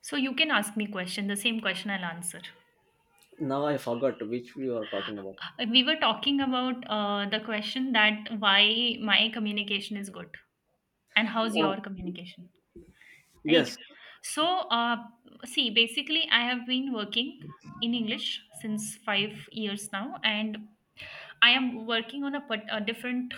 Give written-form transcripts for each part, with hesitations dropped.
So you can ask me question, the same question I'll answer. Now I forgot which we were talking about. We were talking about the question that why my communication is good and how's Oh, your communication, right? yes. So uh, see, basically, I have been working in English since 5 years now, and I am working on a, a different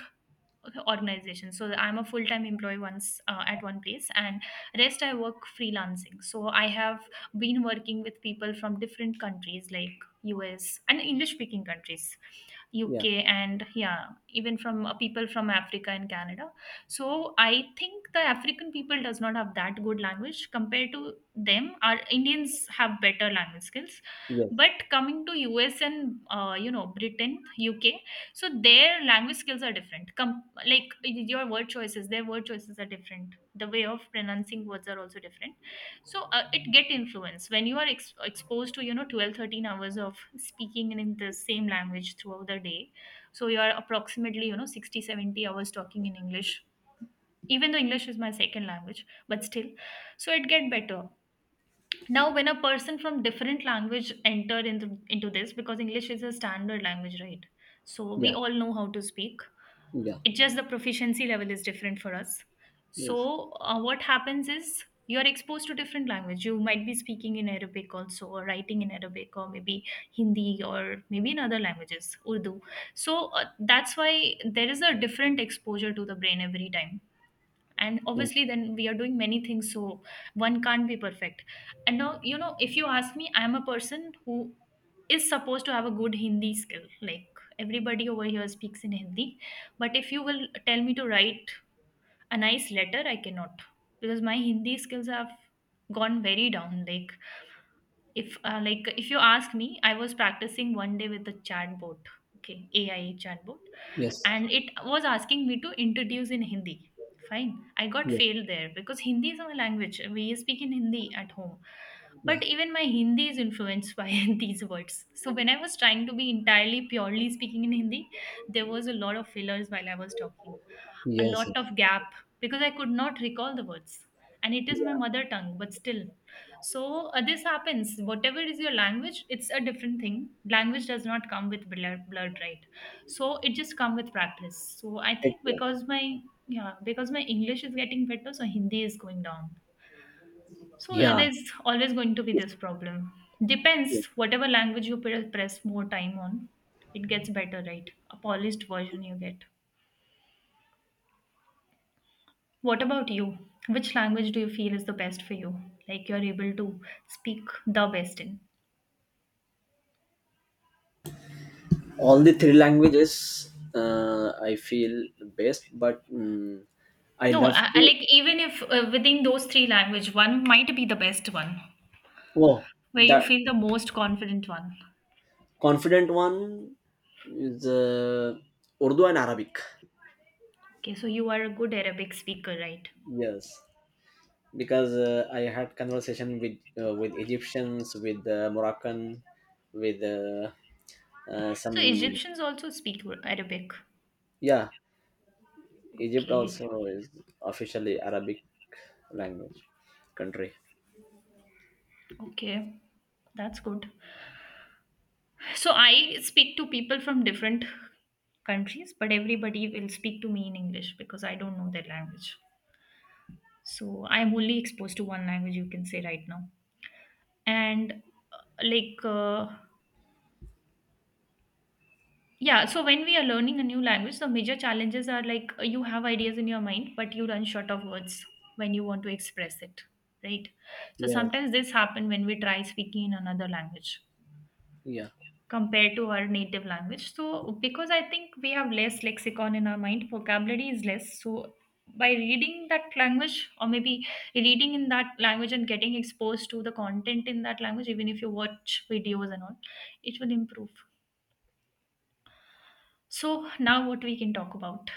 organization, so I'm a full-time employee once at one place and rest I work freelancing. So I have been working with people from different countries like US and English speaking countries, UK, Yeah. and yeah, even from people from Africa and Canada. So I think the African people does not have that good language compared to them. Our Indians have better language skills. Yes. But coming to US and Britain, UK, so their language skills are different. Like your word choices, their word choices are different. The way of pronouncing words are also different. So it get influence when you are exposed to, you know, 12-13 hours of speaking in the same language throughout the day. So you are approximately, you know, 60-70 hours talking in English. Even though English is my second language, but still, so it get better. Now when a person from different language enter into this, because English is a standard language, right? So we Yeah. all know how to speak. Yeah. It's just the proficiency level is different for us. so Yes. uh, what happens is you're exposed to different language. You might be speaking in Arabic also, or writing in Arabic, or maybe Hindi, or maybe in other languages, Urdu. So that's why there is a different exposure to the brain every time. And Mm, obviously then we are doing many things, so one can't be perfect. And now, you know, if you ask me, I am a person who is supposed to have a good Hindi skill, like everybody over here speaks in Hindi. But if you will tell me to write a nice letter, I cannot, because my Hindi skills have gone very down. Like if like if you ask me, I was practicing one day with the chatbot, okay, AI chatbot. Yes. And it was asking me to introduce in Hindi. Fine, I got Yes. failed there because Hindi is my language. We speak in Hindi at home. Yeah. But even my Hindi is influenced by these words. So when I was trying to be entirely purely speaking in Hindi, there was a lot of fillers while I was talking, a lot Yes. of gap because I could not recall the words. And it is my Yeah. mother tongue, but still. So this happens. Whatever is your language, it's a different thing. Language does not come with blood, right? So it just come with practice. So I think Exactly. because my, yeah, because my English is getting better, so Hindi is going down. So Yeah. there's always going to be Yes. this problem. Depends whatever language you press more time on, it gets better, right? A polished version you get. What about you? Which language do you feel is the best for you? Like you're able to speak the best in. All the three languages, I feel best, but I No, love I to. like, even if within those three language, one might be the best one Oh, where you the feel the most confident one. confident one is Urdu and Arabic. Okay, so you are a good Arabic speaker, right? Yes. Because I had conversation with Egyptians, with Moroccan, with So some Egyptians also speak Arabic. yeah. Egypt Okay, also is officially Arabic language country. okay, that's good. So I speak to people from different countries, but everybody will speak to me in English because I don't know their language. So I'm only exposed to one language, you can say right now. And uh, like uh, yeah, so when we are learning a new language, the major challenges are like, you have ideas in your mind, but you run short of words when you want to express it, right? So Yes, sometimes this happen when we try speaking in another language yeah. compared to our native language. So because I think we have less lexicon in our mind, vocabulary is less. So by reading that language, or maybe reading in that language and getting exposed to the content in that language, even if you watch videos and all, it will improve. So now what we can talk about.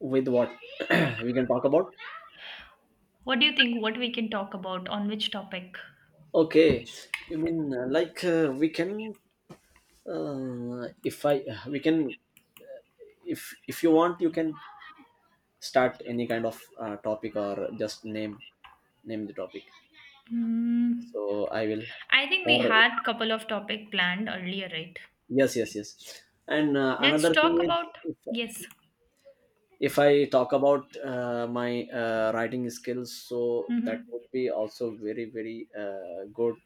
With what we can talk about? What do you think? What we can talk about, on which topic? Okay, you mean like we can if I we can if you want you can start any kind of topic or just name the topic. Hmm. So I will I think we or had couple of topic planned earlier, right? yes, yes, yes. And Let's another thing talk is about, yes. if I talk about my writing skills, so that Mm-hmm. would be also very good.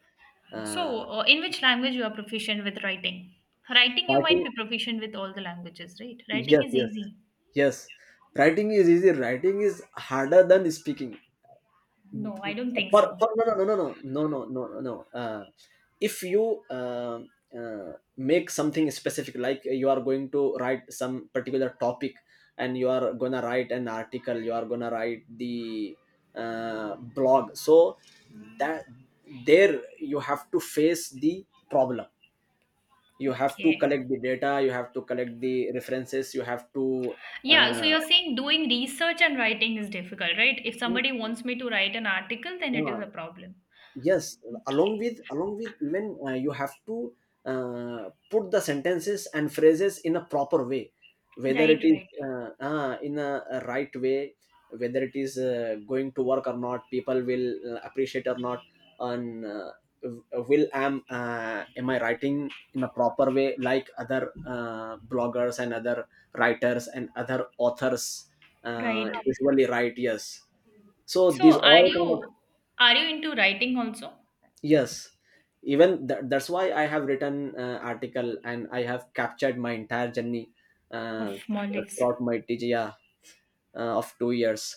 uh, So, in which language you are proficient with writing? Writing you might Writing, be proficient with all the languages, right? Writing yes, is yes, easy. yes. Writing is easy. Writing is harder than speaking No, I don't think so. for no no no no no no no no no uh, if you um uh, make something specific like you are going to write some particular topic and you are gonna write an article, you are gonna write the blog, so that there you have to face the problem. You have to Okay. collect the data, you have to collect the references, you have to Yeah, so uh, you're saying doing research and writing is difficult, right? If no, somebody wants me to write an article, then it is a no, problem. yes, along Okay. with along with even you have to put the sentences and phrases in a proper way, whether Right, it is right, in a right way, whether it is going to work or not, people will appreciate or not, on will am I writing in a proper way like other bloggers and other writers and other authors right. usually write, yes. So So these are all kind of, you, are you into writing also? yes, even that's why I have written article and I have captured my entire journey Of uh, Maldives. throughout my tga of 2 years.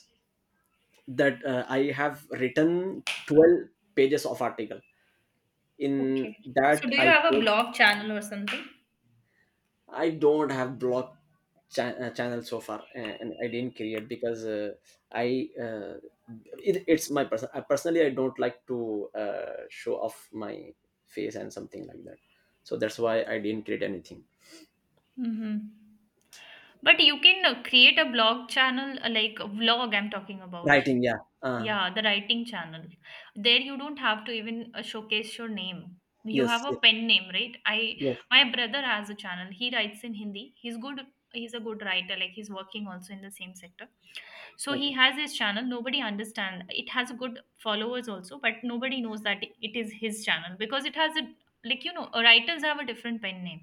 That I have written 12 pages of article. In Okay. So that do you i have a blog channel or something? I don't have block channel so far, and I didn't create because I it, it's my personally I don't like to show off my face and something like that. So that's why I didn't create anything. Mm-hmm. But you can create a blog channel, like a vlog I'm talking about. Writing, yeah. Yeah, the writing channel. There you don't have to even showcase your name. You Yes, have a yes, pen name, right? I, yes. my brother has a channel. He writes in Hindi. He's good. He's a good writer. Like he's working also in the same sector. So he Okay. has his channel, nobody understands. It has good followers also, but nobody knows that it is his channel, because it has a, like, you know, writers have a different pen name,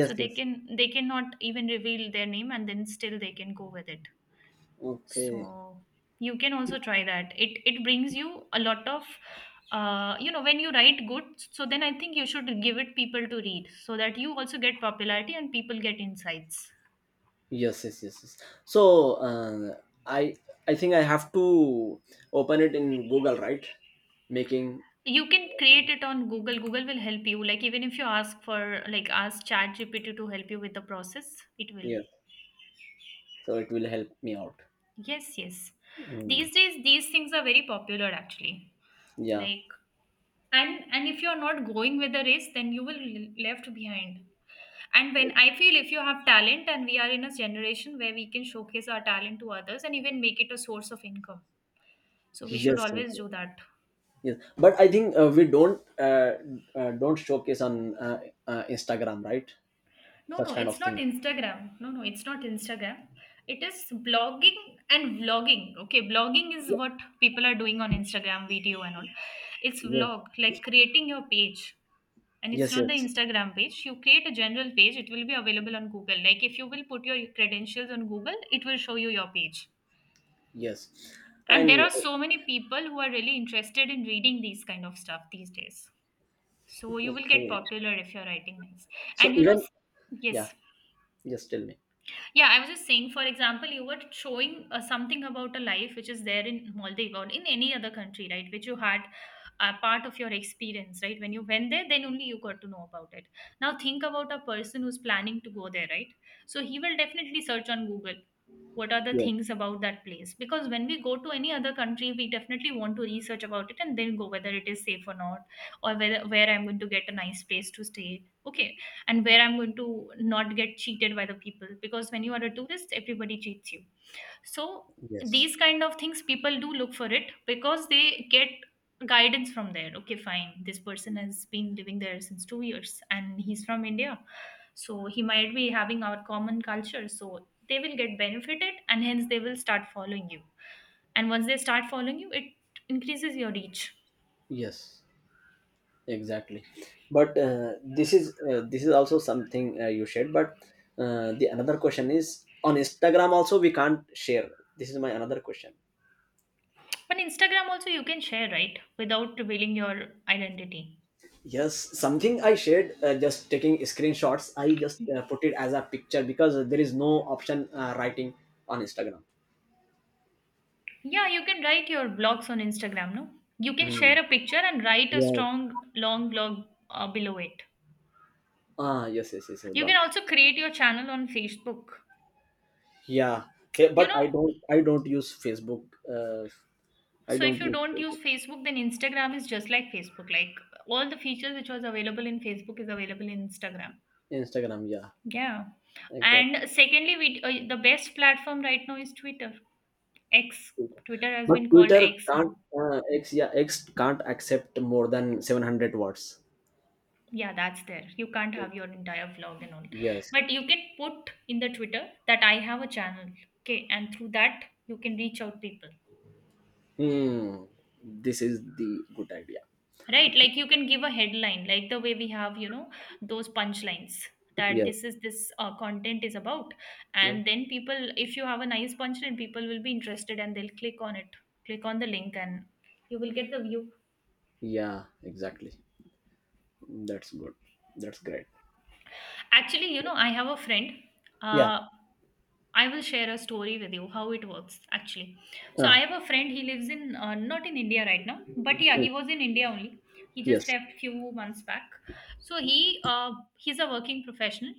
so they yes. can, they cannot even reveal their name, and then still they can go with it. Okay. So you can also try that. It brings you a lot of, you know, when you write good, so then I think you should give it people to read, so that you also get popularity and people get insights. Yes, yes, yes, yes. So I I think I have to open it in Google, right? Making You can create it on Google. Google will help you. Like, even if you ask for, like, ask ChatGPT to help you with the process, it will. yes. So it will help me out. Yes, yes. Mm. These days these things are very popular actually. Yeah. Like, and if you're not going with the race, then you will be left behind. And when I feel, if you have talent and we are in a generation where we can showcase our talent to others and even make it a source of income. So we should Yes, yes, always yes, do that. yes. But I think we don't showcase on Instagram, right? No, no, Such kind it's of not things, Instagram. No, no, it's not Instagram. It is blogging and vlogging. Okay, blogging is what people are doing on Instagram, video and all. It's yes, vlog, like creating your page. And it's yes, not the yes, Instagram page. You create a general page, it will be available on Google. Like if you will put your credentials on Google, it will show you your page. yes. And there And are so many people who are really interested in reading these kind of stuff these days. So you will get okay, popular if you're writing nice. so And you know, even yeah, yes. just tell me, Yeah, I was just saying, for example, you were showing something about a life which is there in Maldives or in any other country, right? Which you had a part of your experience, right? When you went there, then only you got to know about it. Now think about a person who's planning to go there, right? So he will definitely search on Google what are the yes, things about that place, because when we go to any other country we definitely want to research about it and then go, whether it is safe or not, or whether where I'm going to get a nice place to stay, okay, and where I'm going to not get cheated by the people, because when you are a tourist, everybody cheats you. So yes, these kind of things people do look for it because they get guidance from there. Okay, fine. This person has been living there since 2 years and he's from India. So he might be having our common culture. So they will get benefited and hence they will start following you. And once they start following you, it increases your reach. yes, exactly. But this is also something you shared, but the another question is, on Instagram also we can't share. This is my another question. On Instagram also you can share, right? Without revealing your identity. Yes, something I shared just taking screenshots. I just put it as a picture because there is no option writing on Instagram. Yeah, you can write your blogs on Instagram, no? You can Mm. share a picture and write a Yeah. strong, long blog below it. Ah, yes, yes, yes, yes, You can got. also create your channel on Facebook. Yeah, You but know, I don't use Facebook. I so if don't you use don't use Facebook. Facebook, then Instagram is just like Facebook. Like all the features which was available in Facebook is available in Instagram. Instagram. Yeah, Yeah. exactly. And secondly, we, the best platform right now is Twitter. X. Twitter has But been called Twitter X can't. now. X, yeah, X can't accept more than 700 words. Yeah, that's there. You can't have your entire vlog and all. Yes. But you can put in the Twitter that I have a channel. Okay. And through that, you can reach out people. Hmm. This is the good idea. Right? Like you can give a headline, like the way we have, you know, those punchlines that Yes. this is this content is about. Yeah. And then people, if you have a nice punchline, people will be interested and they'll click on it, click on the link, and you will get the view. Yeah. Exactly. That's good. That's great. Actually, you know, I have a friend. Yeah. Uh, I will share a story with you how it works actually. So I Uh, have a friend. He lives in not in India right now, but yeah, mm, he was in India only. He just yes. left few months back. So he's a working professional,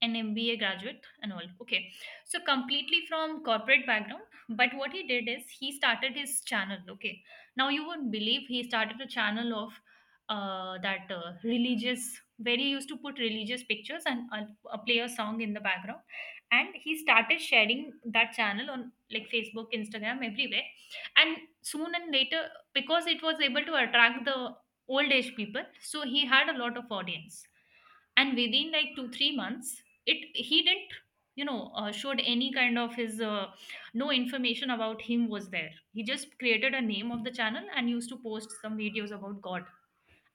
an MBA graduate and all. Okay, so completely from corporate background. But what he did is he started his channel. Okay, now you won't believe he started a channel of that religious where he used to put religious pictures and play a song in the background, and he started sharing that channel on like Facebook, Instagram, everywhere, and soon and later, because it was able to attract the old age people, so he had a lot of audience. And within like 2 3 months, it he didn't, you know, showed any kind of his no information about him was there. He just created a name of the channel and used to post some videos about God,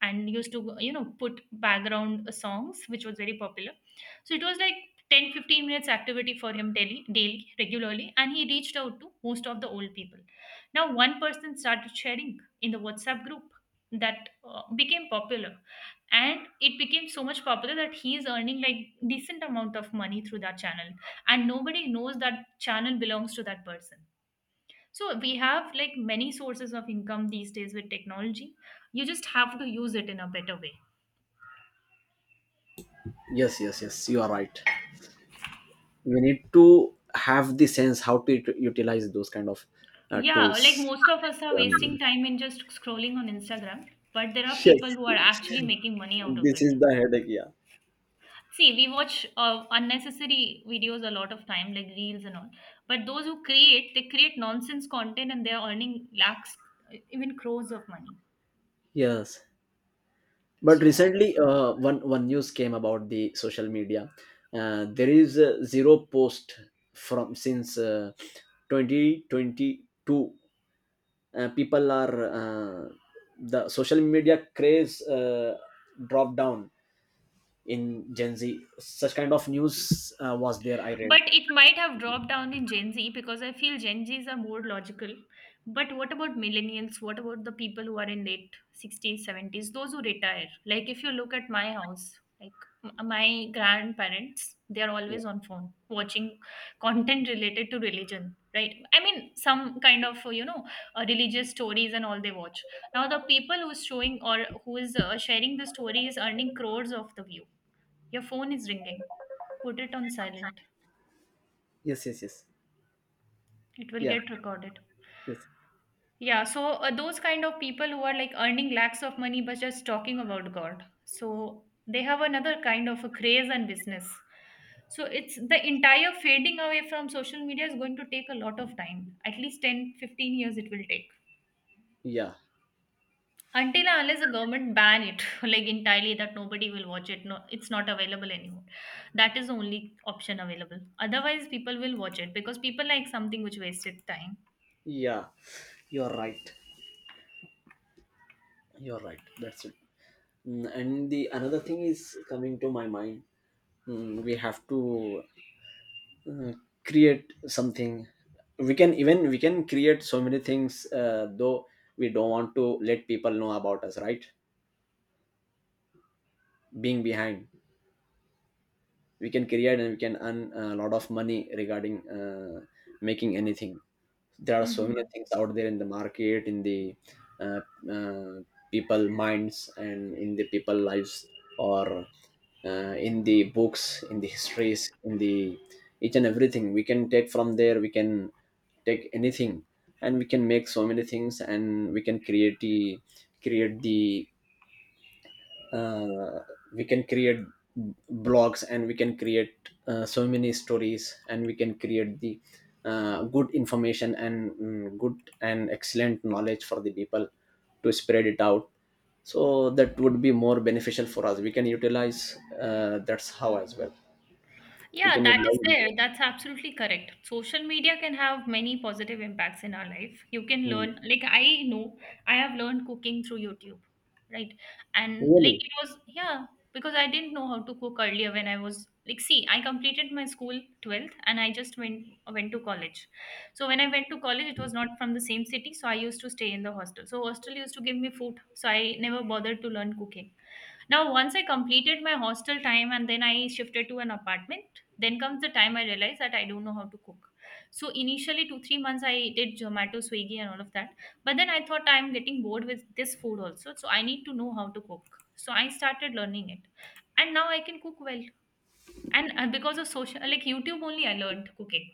and used to, you know, put background songs which was very popular. So it was like 10 15 minutes activity for him, daily, regularly, and he reached out to most of the old people. Now one person started sharing in the WhatsApp group, that became popular, and it became so much popular that he is earning like decent amount of money through that channel, and nobody knows that channel belongs to that person. So we have like many sources of income these days with technology. You just have to use it in a better way. Yes. Yes. Yes. You are right. We need to have the sense how to utilize those kind of Yeah, like tools. most of us are wasting Um, time in just scrolling on Instagram, but there are yes. people who are actually making money out of This it. is the headache. Yeah. See, we watch unnecessary videos a lot of time, like reels and all. But those who create, they create nonsense content and they're earning lakhs, even crores of money. Yes, but So recently, one news came about the social media. There is zero post from since 2022. Uh, people are the social media craze dropped down in gen z, such kind of news was there, I read. but it might have dropped down in Gen Z because I feel Gen Zs are more logical. But what about millennials? What about the people who are in late 60s, 70s, those who retire? Like if you look at my house, like my grandparents, they are Yeah, always on phone watching content related to religion, right? I mean, some kind of, you know, religious stories and all they watch. Now the people who's showing or who is sharing the story is earning crores of the view. Your phone is ringing. Put it on silent. yes, yes, yes, It will yeah, get recorded. yes, Yeah, so those kind of people who are like earning lakhs of money but just talking about God. So they have another kind of a craze and business. So it's the entire fading away from social media is going to take a lot of time. At least 10, 15 years it will take. yeah, Until and unless the government ban it like entirely that nobody will watch it. No, it's not available anymore. That is the only option available. Otherwise people will watch it because people like something which wasted time. yeah, you're right, you're right, that's it. Mm, and the another thing is coming to my mind. Mm, we have to uh, create something. We can even, we can create so many things though we don't want to let people know about us, right? Being behind, we can create and we can earn a lot of money regarding making anything. There are so Hmm. many things out there in the market, in the uh, uh, people minds and in the people lives, or in the books, in the histories, in the each and everything. We can take from there, we can take anything, and we can make so many things and we can create the uh, we can create blogs and we can create so many stories, and we can create the good information and good and excellent knowledge for the people to spread it out. So that would be more beneficial for us. We can utilize that's how as well we Yeah, can that is utilize there. it. That's absolutely correct. Social media can have many positive impacts in our life. You can Mm. learn, like, I know I have learned cooking through YouTube, right? And, like, Really, it was, yeah, because I didn't know how to cook earlier when I was, like, see, I completed my school 12th and I just went to college. So when I went to college, it was not from the same city, so I used to stay in the hostel. So hostel used to give me food, so I never bothered to learn cooking. Now, once I completed my hostel time and then I shifted to an apartment, then comes the time I realized that I don't know how to cook. So, initially, two, 3 months I did Zomato, Swiggy, and all of that. But then I thought I'm getting bored with this food also. So, I need to know how to cook. So, I started learning it. And now I can cook well. And because of social, like YouTube only, I learned cooking.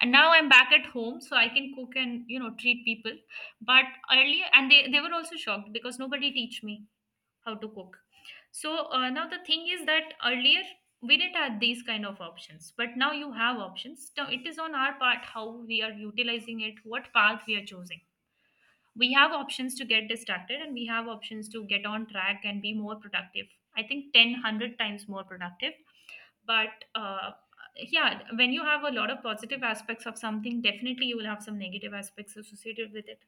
And now I'm back at home, so I can cook and, you know, treat people. But earlier, and they were also shocked because nobody teach me how to cook. So now the thing is that earlier we didn't have these kind of options, but now you have options. Now it is on our part how we are utilizing it, what path we are choosing. We have options to get distracted and we have options to get on track and be more productive. I think 10 100 times more productive. But yeah, when you have a lot of positive aspects of something, definitely you will have some negative aspects associated with it.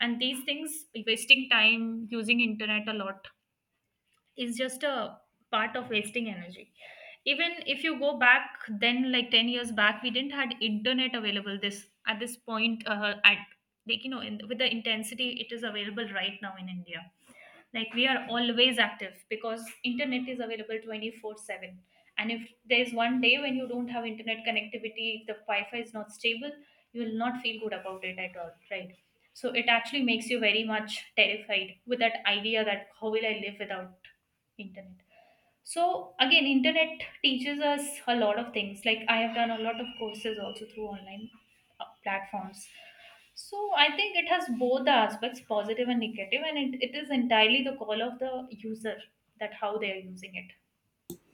And these things, wasting time, using internet a lot, is just a part of wasting energy. Even if you go back then like 10 years back, we didn't had internet available this at this point, at like, you know, with the intensity it is available right now in India. Like we are always active because internet is available 24/7, and if there's one day when you don't have internet connectivity, if the wi-fi is not stable, you will not feel good about it at all, right? So it actually makes you very much terrified with that idea that how will I live without internet? So again, internet teaches us a lot of things. Like I have done a lot of courses also through online platforms. So I think it has both the aspects, positive and negative, and it is entirely the call of the user that how they are using it.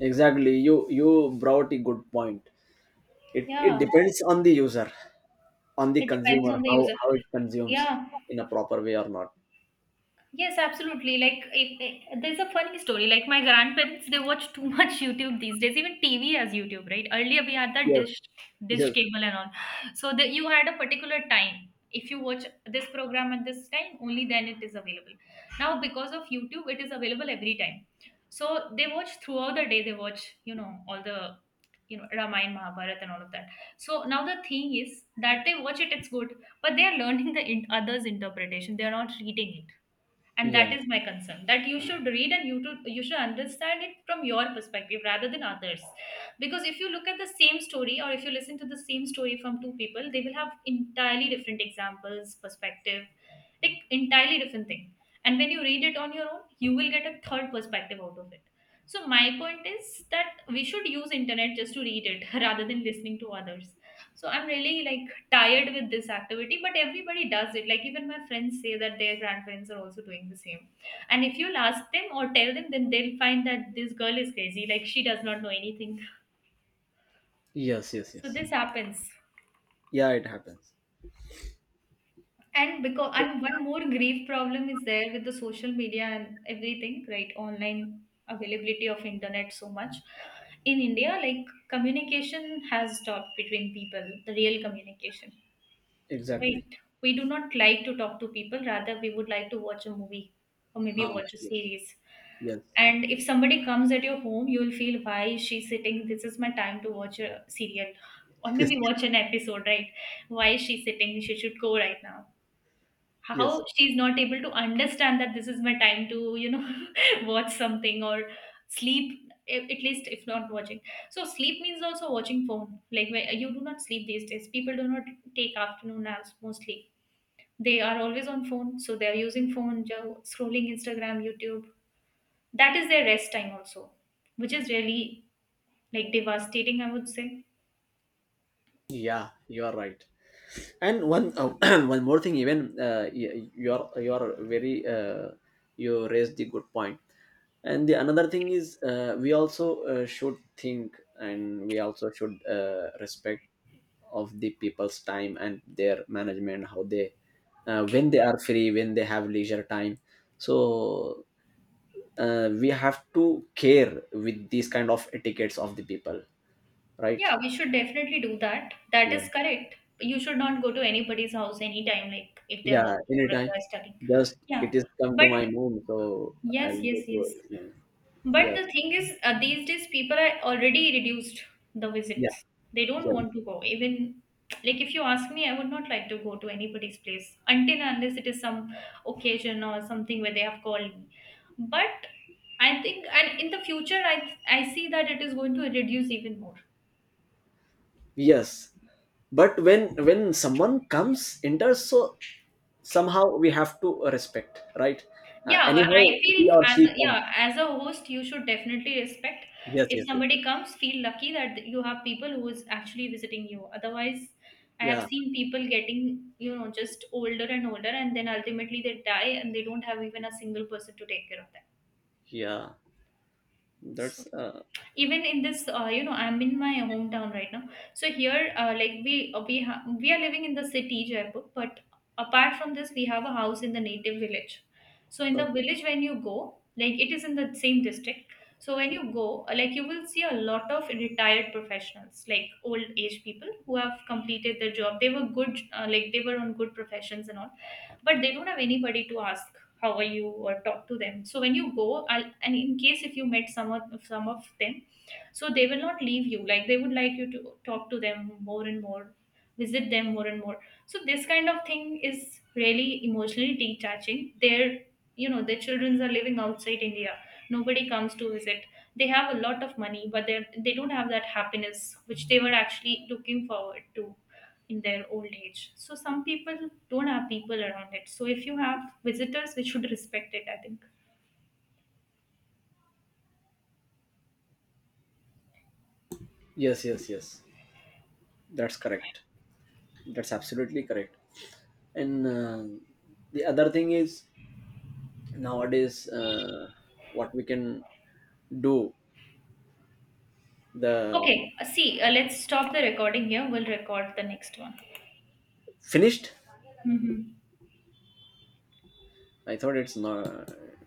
exactly. You brought a good point. It Yeah, depends on the user, on the it depends consumer, on the how user. It consumes Yeah, in a proper way or not, yes, absolutely. Like, there's a funny story. Like, my grandparents, they watch too much YouTube these days. Even TV has YouTube, right? Earlier, we had that yes. Dish Yes. cable and all. So that you had a particular time. If you watch this program at this time, only then it is available. Now, because of YouTube, it is available every time. So they watch throughout the day. They watch, you know, all the, you know, Ramayana, Mahabharat, and all of that. So now the thing is that they watch it. It's good, but they are learning the others' interpretation. They are not reading it, and Yeah. that is my concern, that you should read and you should understand it from your perspective rather than others. Because if you look at the same story or if you listen to the same story from two people, they will have entirely different examples, perspective, like entirely different thing. And when you read it on your own, you will get a third perspective out of it. So my point is that we should use internet just to read it rather than listening to others. So I'm really like tired with this activity, but everybody does it. Like even my friends say that their grandparents are also doing the same, and if you'll ask them or tell them, then they'll find that this girl is crazy, like she does not know anything. Yes. Yes. So Yes. this happens. Yeah. It happens. And one more grief problem is there with the social media and everything, right? Online availability of internet so much in India, like communication has stopped between people, the real communication. Exactly. Right. We do not like to talk to people, rather, we would like to watch a movie or maybe Ah. watch a Yes. series. Yes. And if somebody comes at your home, you will feel, why is she sitting? This is my time to watch a serial or Yes. maybe watch an episode, right? Why is she sitting? She should go right now. Yes. How she's not able to understand that this is my time to, you know, watch something or sleep, at least if not watching. So, sleep means also watching phone. Like, where you do not sleep these days. People do not take afternoon naps mostly. They are always on phone, so they are using phone, scrolling Instagram, YouTube. That is their rest time also, which is really like devastating, I would say. Yeah. You are right. And one one more thing. Even you are, you are very you raised the good point. And the another thing is we also should think, and we also should respect of the people's time and their management, how they when they are free, when they have leisure time. So we have to care with these kind of etiquettes of the people, right? Yeah, we should definitely do that. That Yeah, is correct. You should not go to anybody's house anytime, like if they're yeah, working or if anytime. they're studying. Just Yeah, it is come to my but moon, so yes, I'll go yes, to yes. it. But Yes, the thing is, these days people are already reduced the yeah, visits. They don't yes, want to go. Even like if you ask me, I would not like to go to anybody's place until and unless it is some occasion or something where they have called me. But I think, and in the future, I see that it is going to reduce even more. yes. But when someone comes enters, so somehow we have to respect, right? Uh, Yeah, well, anyhow I he feel or as she comes, yeah, as a host, you should definitely respect. yes, If yes, yes, somebody comes, feel lucky that you have people who is actually visiting you. Otherwise, I have yeah, seen people getting, you know, just older and older, and then ultimately they die and they don't have even a single person to take care of them. yeah. So, that's even in this, you know, I'm in my hometown right now. So here, like we are living in the city, Jaipur. But apart from this, we have a house in the native village. So in uh, the village, when you go, like it is in the same district. So when you go, like you will see a lot of retired professionals, like old age people who have completed their job. They were good, like they were on good professions and all, but they don't have anybody to ask how are you or talk to them. So when you go and in case if you met some of them, so they will not leave you, like they would like you to talk to them more and more, visit them more and more. So this kind of thing is really emotionally detaching their, you know, their children are living outside India, nobody comes to visit. They have a lot of money, but they don't have that happiness which they were actually looking forward to in their old age. So some people don't have people around it, so if you have visitors we should respect it, I think. yes, yes, yes, that's correct, that's absolutely correct. And the other thing is, nowadays what we can do, the Okay, see, let's stop the recording here, we'll record the next one. finished, Hmm. I thought it's not.